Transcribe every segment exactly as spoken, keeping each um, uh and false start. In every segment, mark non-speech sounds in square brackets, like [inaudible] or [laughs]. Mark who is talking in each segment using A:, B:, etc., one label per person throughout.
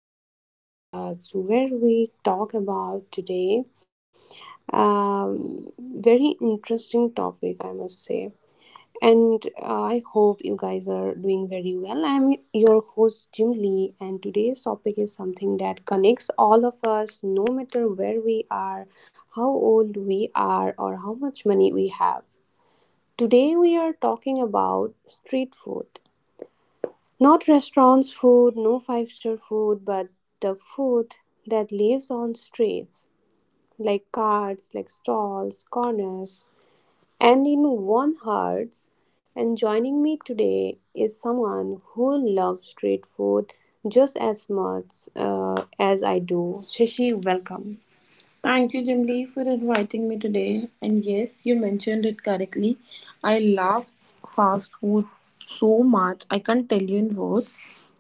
A: Welcome to our podcast where we talk about today um, very interesting topic, I must say. And uh, I hope you guys are doing very well. I'm your host Jim Lee, and today's topic is something that connects all of us, no matter where we are, how old we are, or how much money we have. Today we are talking about street food. Not restaurants food, no five star food, but the food that lives on streets, like carts, like stalls, corners, and in one hearts. And joining me today is someone who loves street food just as much uh, as I do. Shashi, welcome. Thank you for You mentioned it correctly. I love fast food so much. I can't tell you in words.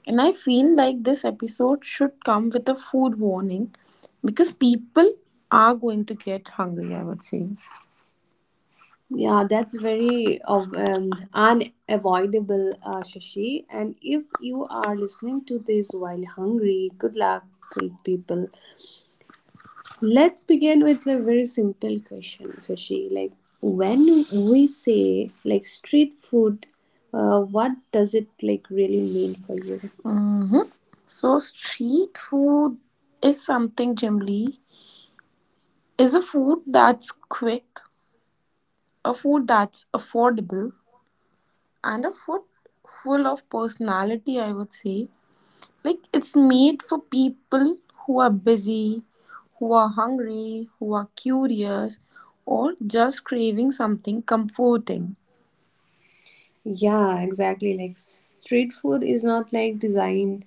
A: And I feel like this episode should come with a food warning because people are going to get hungry, I would say. Yeah, that's very of um, unavoidable, uh, Shashi. And if you are listening to this while hungry, good luck, good people. Let's begin with a very simple question, Shashi. Like, when we say like street food, uh, what does it like really mean for you? So street food is something generally is a food that's quick, a food that's affordable, and a food full of personality, I would say. Like it's made for people who are busy, who are hungry, who are curious, or just craving something comforting. Yeah, exactly. Like street food is not like designed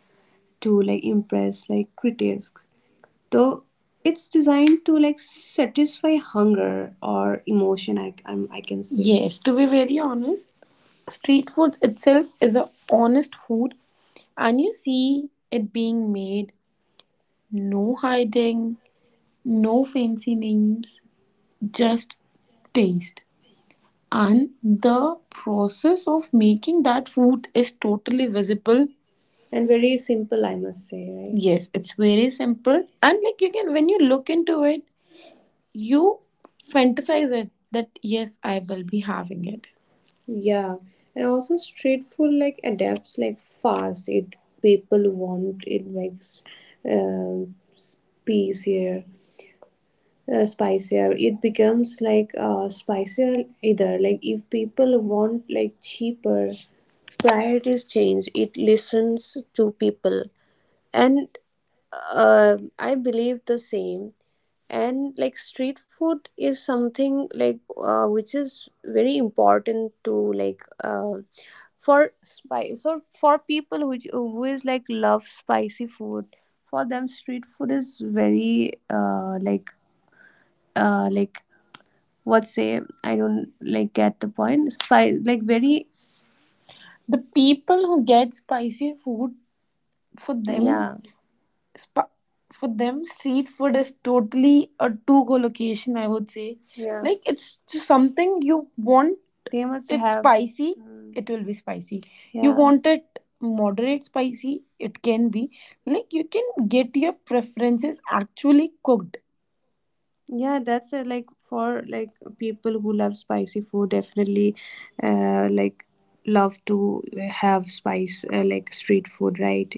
A: to like impress like critics. Though it's designed to like satisfy hunger or emotion I I'm, I can say. Yes, to be very honest, street food itself is a honest food and you see it being made no hiding, no fancy names, just taste. And the process of making that food is totally visible. And very simple, I must say, right? Yes, it's very simple. And like you can, when you look into it, you fantasize it that yes, I will be having it. Yeah. And also street food like adapts like fast. It people want it like s- um space uh, spicier it becomes like uh, spicier either like if people want like cheaper priorities change it listens to people and uh, I believe the same. And like street food is something like uh, which is very important to like uh, for spice or for people which always like love spicy food. For them street food is very uh, like uh like what say I don't like get the point. Spi- like very the people who get spicy food for them yeah sp- for them street food is totally a to go location I would say. Yeah, like it's just something you want they must it have spicy mm, it will be spicy. You yeah want it moderate spicy it can be like you can get your preferences actually cooked. Yeah, that's uh, like for like people who love spicy food definitely uh, like love to have spice uh, like street food, right?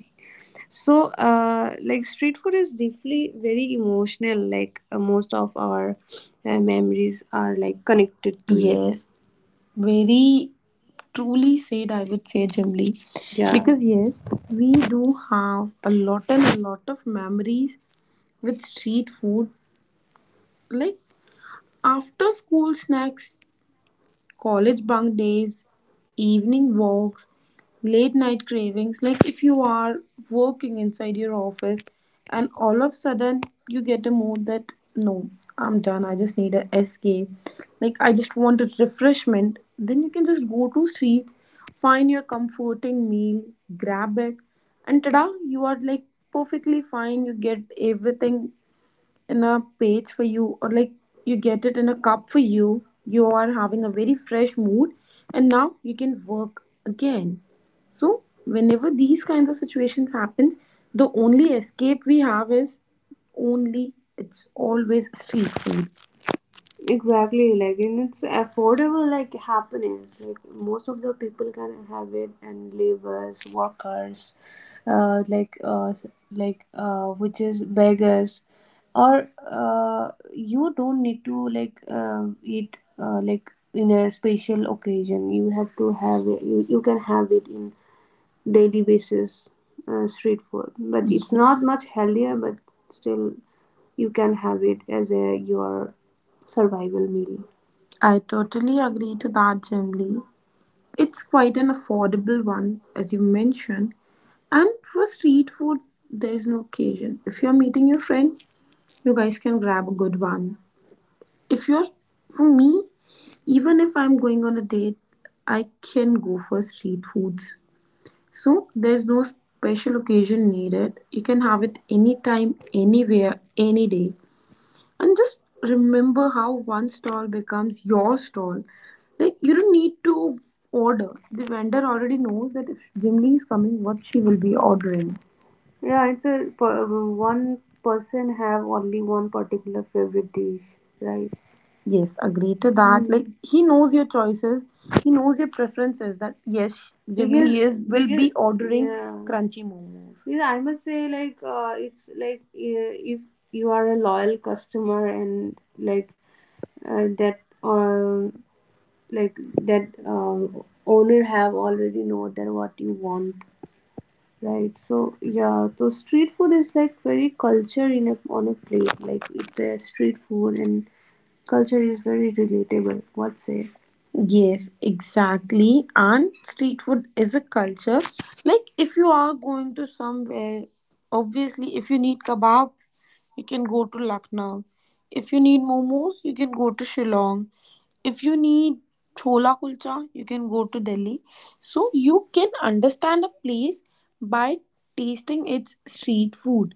A: So uh, like street food is deeply very emotional. Like uh, most of our uh, memories are like connected to it. Yes, very truly said, I would say, Jimli. Yeah. Because, yes, we do have a lot and a lot of memories with street food. Like, after school snacks, college bunk days, evening walks, late night cravings, like if you are working inside your office and all of a sudden you get the mood that no, I'm done, I just need a escape, like I just want a refreshment, then you can just go to street, find your comforting meal, grab it, and tada, you are like perfectly fine, you get everything in a page for you or like you get it in a cup for you. You are having a very fresh mood and now you can work again. So whenever these kinds of situations happens the only escape we have is only it's always street food. Exactly, like and it's affordable, like happiness. Like most of the people can have it, and laborers, workers, uh, like uh, like uh, which is beggars, or uh, you don't need to like uh, eat uh, like in a special occasion. You have to have it. You, you can have it in daily basis uh, street food but it's not much healthier but still you can have it as a your survival meal. I totally agree to that, generally. It's quite an affordable one, as you mentioned. And for street food, there's no occasion. If you're meeting your friend, you guys can grab a good one. If you're, for me, even if I'm going on a date, I can go for street foods. So there's no special occasion needed. You can have it anytime, anywhere, any day. And just remember how one stall becomes your stall. Like you don't need to order. The vendor already knows that if Jimly is coming, what she will be ordering. Yeah, it's a per- one person have only one particular favorite dish, right? Yes, agree to that. Like he knows your choices, he knows your preferences. That yes, Jimmy because is will because be ordering yeah crunchy momos. Because I must say like uh, it's like uh, if you are a loyal customer and like uh, that uh, like that uh, owner have already know that what you want. Right. So yeah, so street food is like very culture in a on a plate. Like it uh, street food and culture is very relatable. What say? Yes, exactly. And street food is a culture. Like if you are going to somewhere, obviously if you need kebab, you can go to Lucknow. If you need momos, you can go to Shillong. If you need chola kulcha, you can go to Delhi. So you can understand a place by tasting its street food.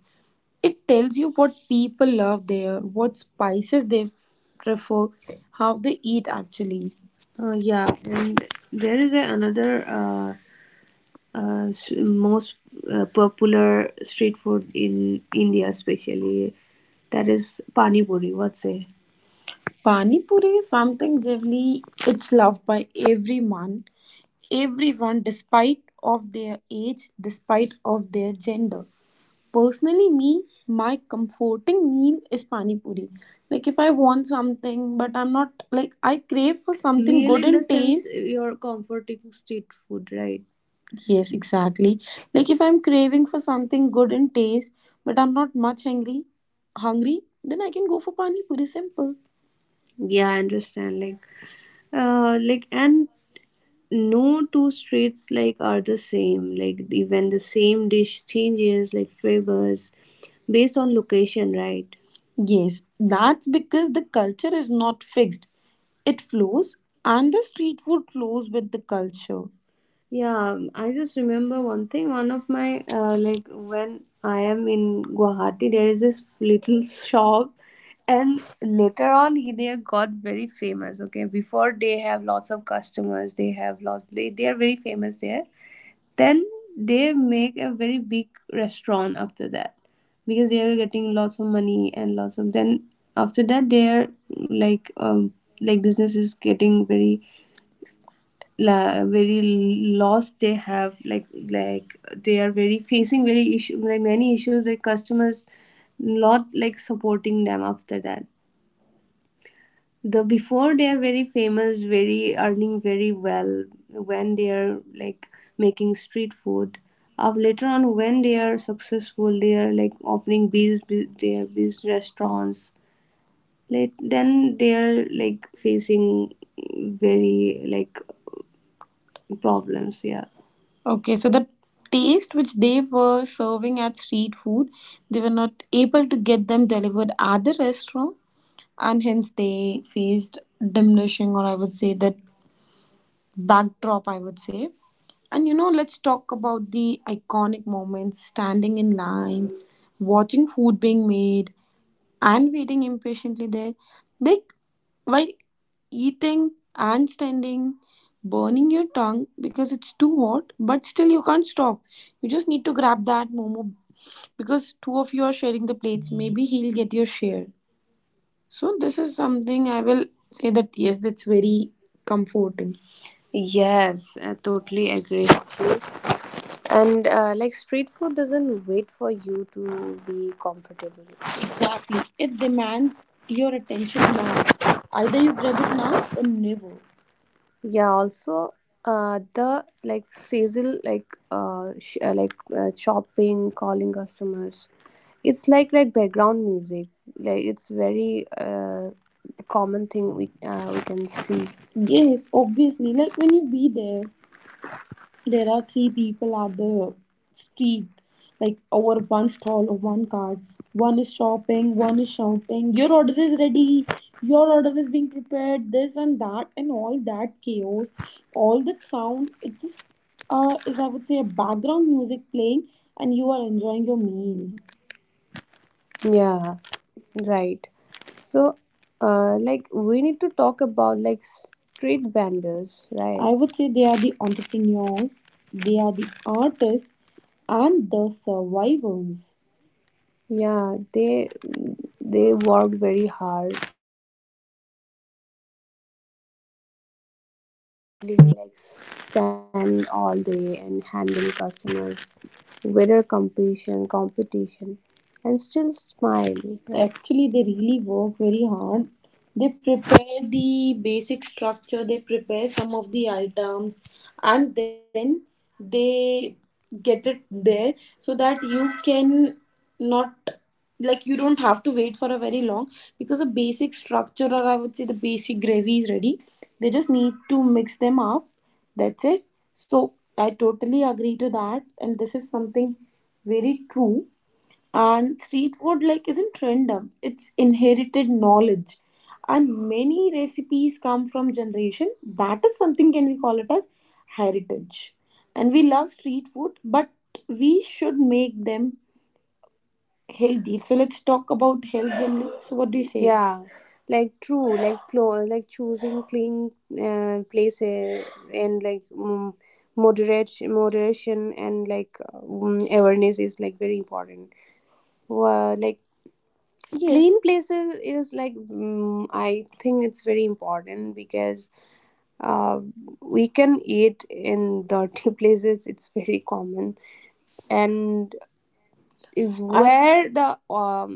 A: It tells you what people love there, what spices they f- prefer, how they eat actually. Uh, yeah, and there is a, another uh, uh, s- most uh, popular street food in India, especially that is pani puri. What say? Pani Puri is something really it's loved by everyone, everyone despite of their age, despite of their gender. Personally me my comforting meal is pani puri. Like if I want something but I'm not like I crave for something Meal good in the in sense taste your comforting street food, right? Yes exactly like if I'm craving for something good in taste but I'm not much hungry hungry then I can go for pani puri simple. Yeah, I understand. Like, uh, like, and no two streets like are the same. Like, even the same dish changes like flavors based on location, right? Yes, that's because the culture is not fixed. It flows, and the street food flows with the culture. Yeah, um, I just remember one thing. One of my uh, like when I am in Guwahati, there is this little shop, and later on, he they got very famous. Okay, before they have lots of customers, they have lots. They they are very famous there. Then they make a very big restaurant after that because they are getting lots of money and lots of. Then after that, they are like um like business is getting very la, very lost they have like like they are very facing very issue like many issues like customers not like supporting them. After that the before they are very famous very earning very well when they are like making street food. Of later on when they are successful they are like opening these bu- their these restaurants like then they are like facing very like problems. Yeah. Okay, so the taste which they were serving at street food, they were not able to get them delivered at the restaurant, and hence they faced diminishing, or I would say that backdrop, I would say. And you know, let's talk about the iconic moments standing in line, watching food being made, and waiting impatiently there. Like while eating and standing, burning your tongue because it's too hot, but still you can't stop. You just need to grab that momo because two of you are sharing the plates. Maybe he'll get your share. So this is something I will say that yes, that's very comforting. Yes, I totally agree. And uh, like street food doesn't wait for you to be comfortable. Exactly. It demands your attention now. Either you grab it now or never. Yeah, also uh, the like sizzle, like uh, sh- uh, like uh, shopping, calling customers. It's like like background music. Like it's very uh, common thing we uh, we can see. Yes, obviously. Like when you be there. There are three people at the street, like over one stall or one cart. One is shopping, one is shouting, Your order is ready, your order is being prepared, this and that, and all that chaos, all that sound. It just uh, is, I would say, a background music playing, and you are enjoying your meal. Yeah. Right. So, uh, like we need to talk about like street vendors, right? I right? would say they are the entrepreneurs, they are the artists, and the survivors. Yeah, they they worked very hard
B: Like stand all day and handle customers, wither competition, competition, and still smile. Actually, they really work very hard. They prepare the basic structure, they prepare some of the items, and then they get it there so that you can not like you don't have to wait for a very long, because the basic structure, or I would say the basic gravy, is ready. They just need to mix them up, that's it. So I totally agree to that, and this is something very true. And street food like isn't random; it's inherited knowledge, and many recipes come from generation. That is something, can we call it as heritage? And we love street food, but we should make them healthy. So let's talk about health generally. So what do you say? Yeah, like true, like clo- like choosing clean uh, places, and like um, moderate moderation, and like um, awareness is like very important. Well, like yes. Clean places is like um, I think it's very important because uh, we can eat in dirty [laughs] places. It's very common, and is I- where the um,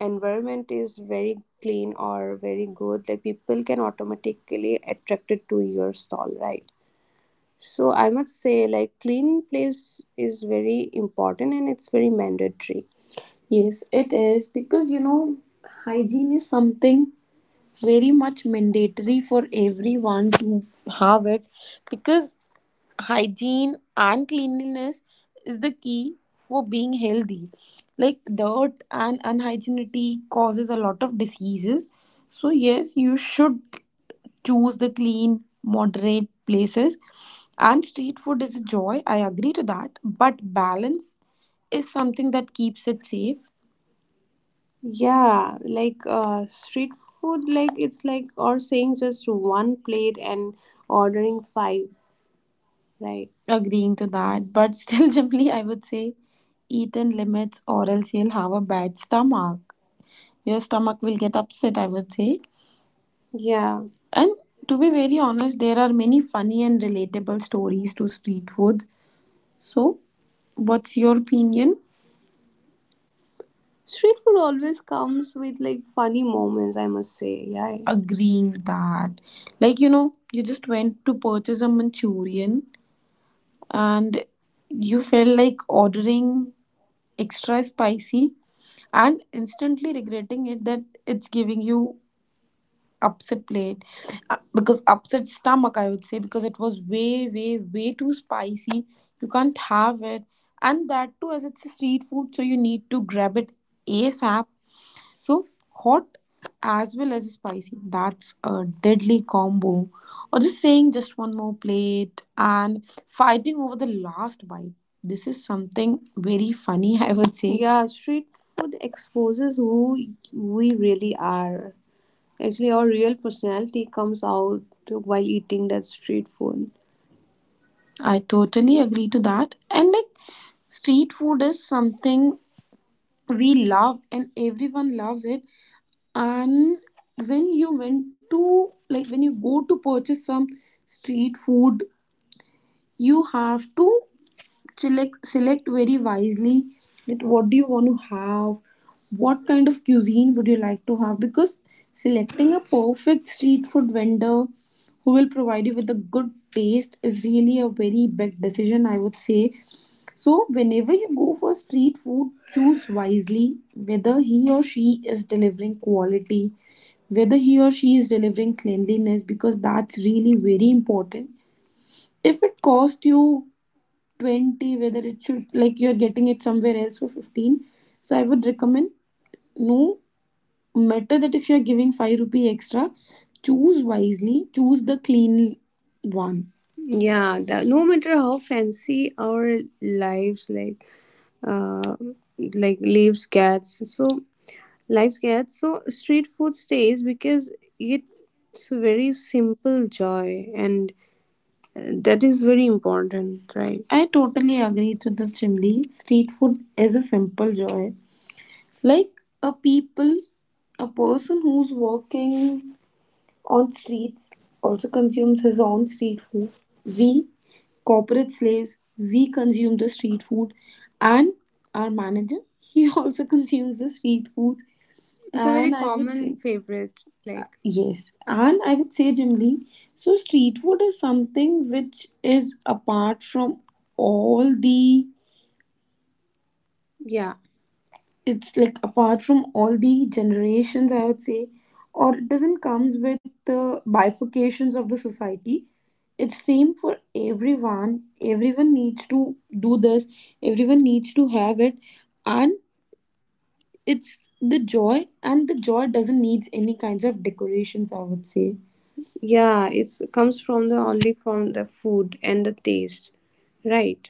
B: environment is very clean or very good, like people can automatically attracted to your stall, right? So I must say like clean place is very important, and it's very mandatory. Yes, it is, because you know, hygiene is something very much mandatory for everyone to have it, because hygiene and cleanliness is the key for being healthy. Like dirt and unhygienity causes a lot of diseases. So yes, you should choose the clean moderate places, and street food is a joy, I agree to that, but balance is something that keeps it safe. Yeah, like uh, street food, like it's like, or saying just one plate and ordering five. Right, agreeing to that. But still, [laughs] Jimly, I would say eat in limits, or else you'll have a bad stomach. Your stomach will get upset, I would say. Yeah. And to be very honest, there are many funny and relatable stories to street food. So, what's your opinion? Street food always comes with like funny moments, I must say. Yeah. Agreeing that. Like, you know, you just went to purchase a Manchurian and you felt like ordering extra spicy and instantly regretting it that it's giving you upset plate. Uh, because upset stomach, I would say, because it was way way way too spicy. You can't have it, and that too as it's a street food, so you need to grab it ASAP, so hot as well as spicy. That's a deadly combo. Or just saying just one more plate and fighting over the last bite. This is something very funny, [laughs] I would say. Yeah, street food exposes who we really are. Actually, our real personality comes out while eating that street food. I totally agree to that. And like street food is something we love, and everyone loves it, and when you went to like when you go to purchase some street food, you have to select select very wisely, that what do you want to have, what kind of cuisine would you like to have, because selecting a perfect street food vendor who will provide you with a good taste is really a very big decision, I would say. So whenever you go for street food, choose wisely, whether he or she is delivering quality, whether he or she is delivering cleanliness, because that's really very important. If it costs you twenty, whether it should like you're getting it somewhere else for fifteen, so I would recommend, no matter that if you're giving five rupee extra, choose wisely, choose the clean one. Yeah, the, no matter how fancy our lives like uh like leaves gets so lives gets so street food stays, because it's a very simple joy, and that is very important, right? I totally agree to this, Chimli. Street food is a simple joy. Like a people, a person who's working on streets also consumes his own street food. We, corporate slaves, we consume the street food, and our manager he [laughs] also consumes the street food. It's a very, and I would say common say, favorite. Like, yes, and I would say, Jimly, so street food is something which is apart from all the, yeah, it's like apart from all the generations, I would say, or it doesn't comes with the bifurcations of the society. It's same for everyone. Everyone needs to do this. Everyone needs to have it, and it's the joy, and the joy doesn't need any kinds of decorations, I would say. Yeah, it comes from the only from the food and the taste. Right.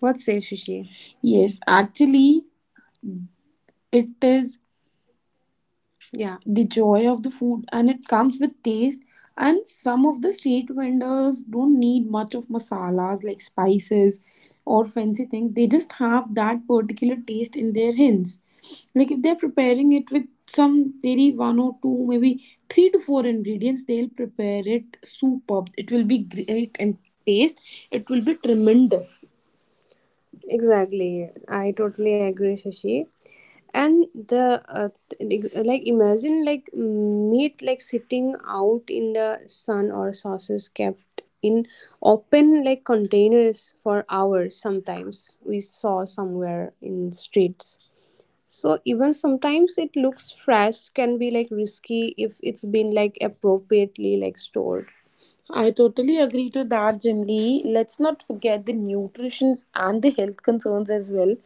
B: What say, Shishi? Yes, actually it is. Yeah, the joy of the food, and it comes with taste. And some of the street vendors don't need much of masalas like spices or fancy things. They just have that particular taste in their hands. Like if they're preparing it with some very one or two, maybe three to four ingredients, they'll prepare it superb. It will be great and taste. It will be tremendous. Exactly. I totally agree, Shashi. And the uh, th- ex- like imagine like meat like sitting out in the sun, or sauces kept in open like containers for hours. Sometimes we saw somewhere in streets, so even sometimes it looks fresh, can be like risky if it's been like appropriately like stored. I totally agree to that, Jimli. Let's not forget the nutritions and the health concerns as well.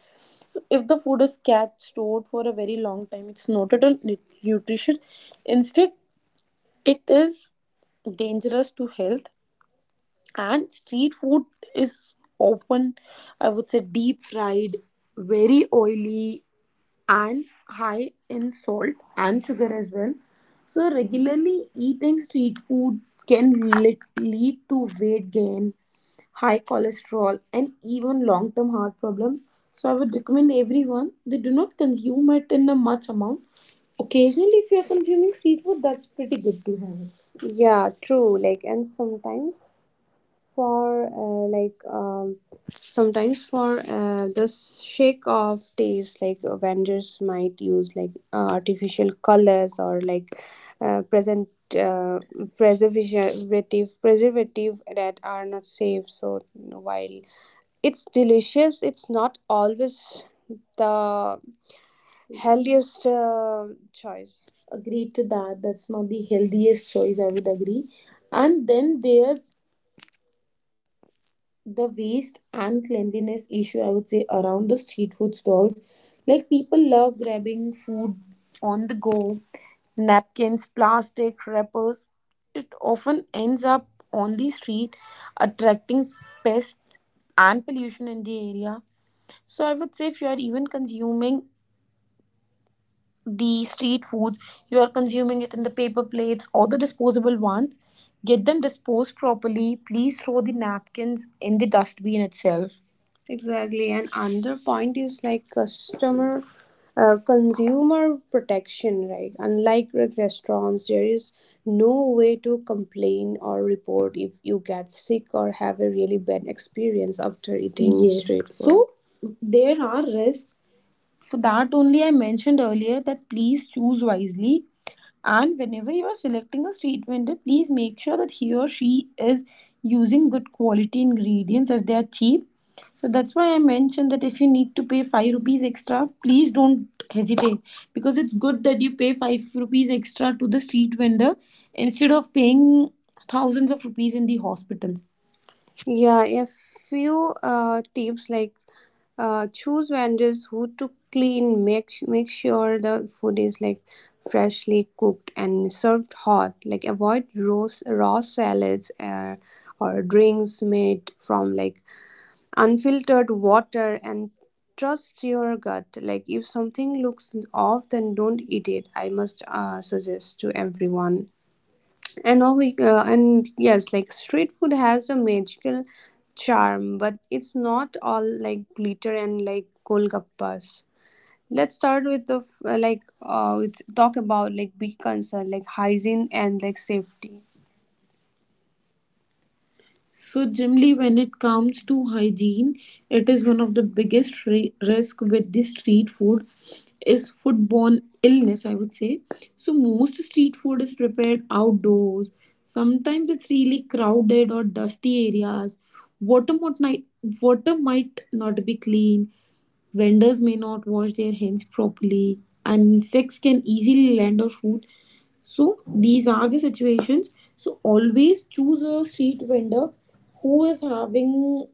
B: So, if the food is kept stored for a very long time, it's not at all nu- nutritious. Instead, it is dangerous to health. And street food is often, I would say, deep fried, very oily, and high in salt and sugar as well. So, regularly eating street food can lit- lead to weight gain, high cholesterol, and even long term heart problems. So, I would recommend everyone, they do not consume it in a much amount. Occasionally, if you are consuming street food, that's pretty good to have it. Yeah, true. Like, and sometimes for uh, like um, sometimes for uh, the shake of taste, like uh, vendors might use like uh, artificial colors, or like uh, present uh, preservative preservative that are not safe. So while it's delicious, it's not always the healthiest uh, choice. Agreed to that. That's not the healthiest choice, I would agree. And then there's the waste and cleanliness issue, I would say, around the street food stalls. Like people love grabbing food on the go, napkins, plastic wrappers, it often ends up on the street attracting pests and pollution in the area. So I would say if you are even consuming the street food, you are consuming it in the paper plates or the disposable ones. Get them disposed properly. Please throw the napkins in the dustbin itself. Exactly, and another point is like customer, uh, consumer protection. Right, unlike re- restaurants, there is no way to complain or report if you get sick or have a really bad experience after eating. Yes. Street food. So there are risks for that only, I mentioned earlier that please choose wisely. And whenever you are selecting a street vendor, please make sure that he or she is using good quality ingredients, as they are cheap. So that's why I mentioned that if you need to pay five rupees extra, please don't hesitate, because it's good that you pay five rupees extra to the street vendor instead of paying thousands of rupees in the hospitals. Yeah, a few uh, tips like uh, choose vendors who to clean, make make sure the food is like freshly cooked and served hot. Like avoid raw raw salads uh, or drinks made from like unfiltered water, and trust your gut. Like if something looks off, then don't eat it. I must uh, suggest to everyone, and all we uh, and yes like street food has a magical charm, but it's not all like glitter and like golgappas. Let's start with the f- uh, like uh Let's talk about like big concern like hygiene and like safety. So generally, when it comes to hygiene, it is one of the biggest ri- risk with the street food is foodborne illness, I would say. So, most street food is prepared outdoors. Sometimes it's really crowded or dusty areas. Water might not, water might not be clean. Vendors may not wash their hands properly, and insects can easily land on food. So these are the situations. So always choose a street vendor who is having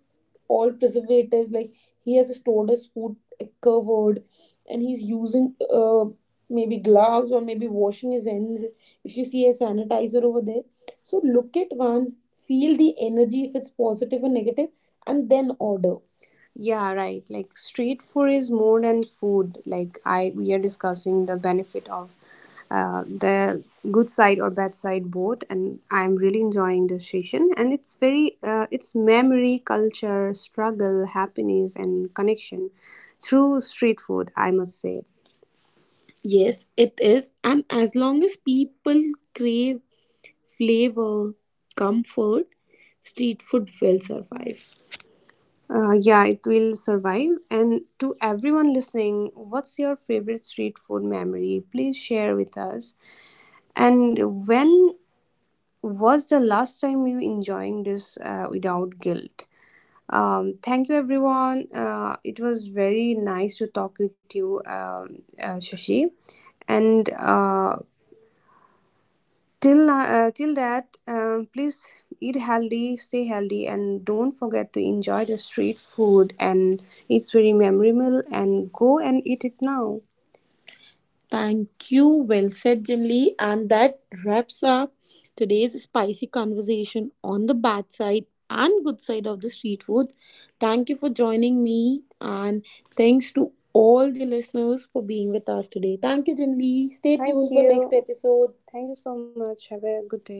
B: all preservatives, like he has stored his food covered, and he's using uh, maybe gloves, or maybe washing his hands. If you see a sanitizer over there, so look at once, feel the energy if it's positive or negative, and then order. Yeah, right. Like street food is more than food. Like I, we are discussing the benefit of uh, the good side or bad side both, and I'm really enjoying this session. And it's very, uh, it's memory, culture, struggle, happiness, and connection through street food, I must say. Yes, it is. And as long as people crave flavor, comfort, street food will survive. Uh, yeah, it will survive. And to everyone listening, what's your favorite street food memory? Please share with us. And when was the last time you enjoying this uh, without guilt? Um, thank you, everyone. Uh, it was very nice to talk with you, um, uh, Shashi. And uh, Till uh, till that, um, please eat healthy, stay healthy, and don't forget to enjoy the street food. And it's very memorable. And go and eat it now. Thank you. Well said, Jimly. And that wraps up today's spicy conversation on the bad side and good side of the street food. Thank you for joining me. And thanks to all the listeners for being with us today. Thank you, Jimly. Stay Thank tuned for you. Next episode. Thank you so much. Have a good day.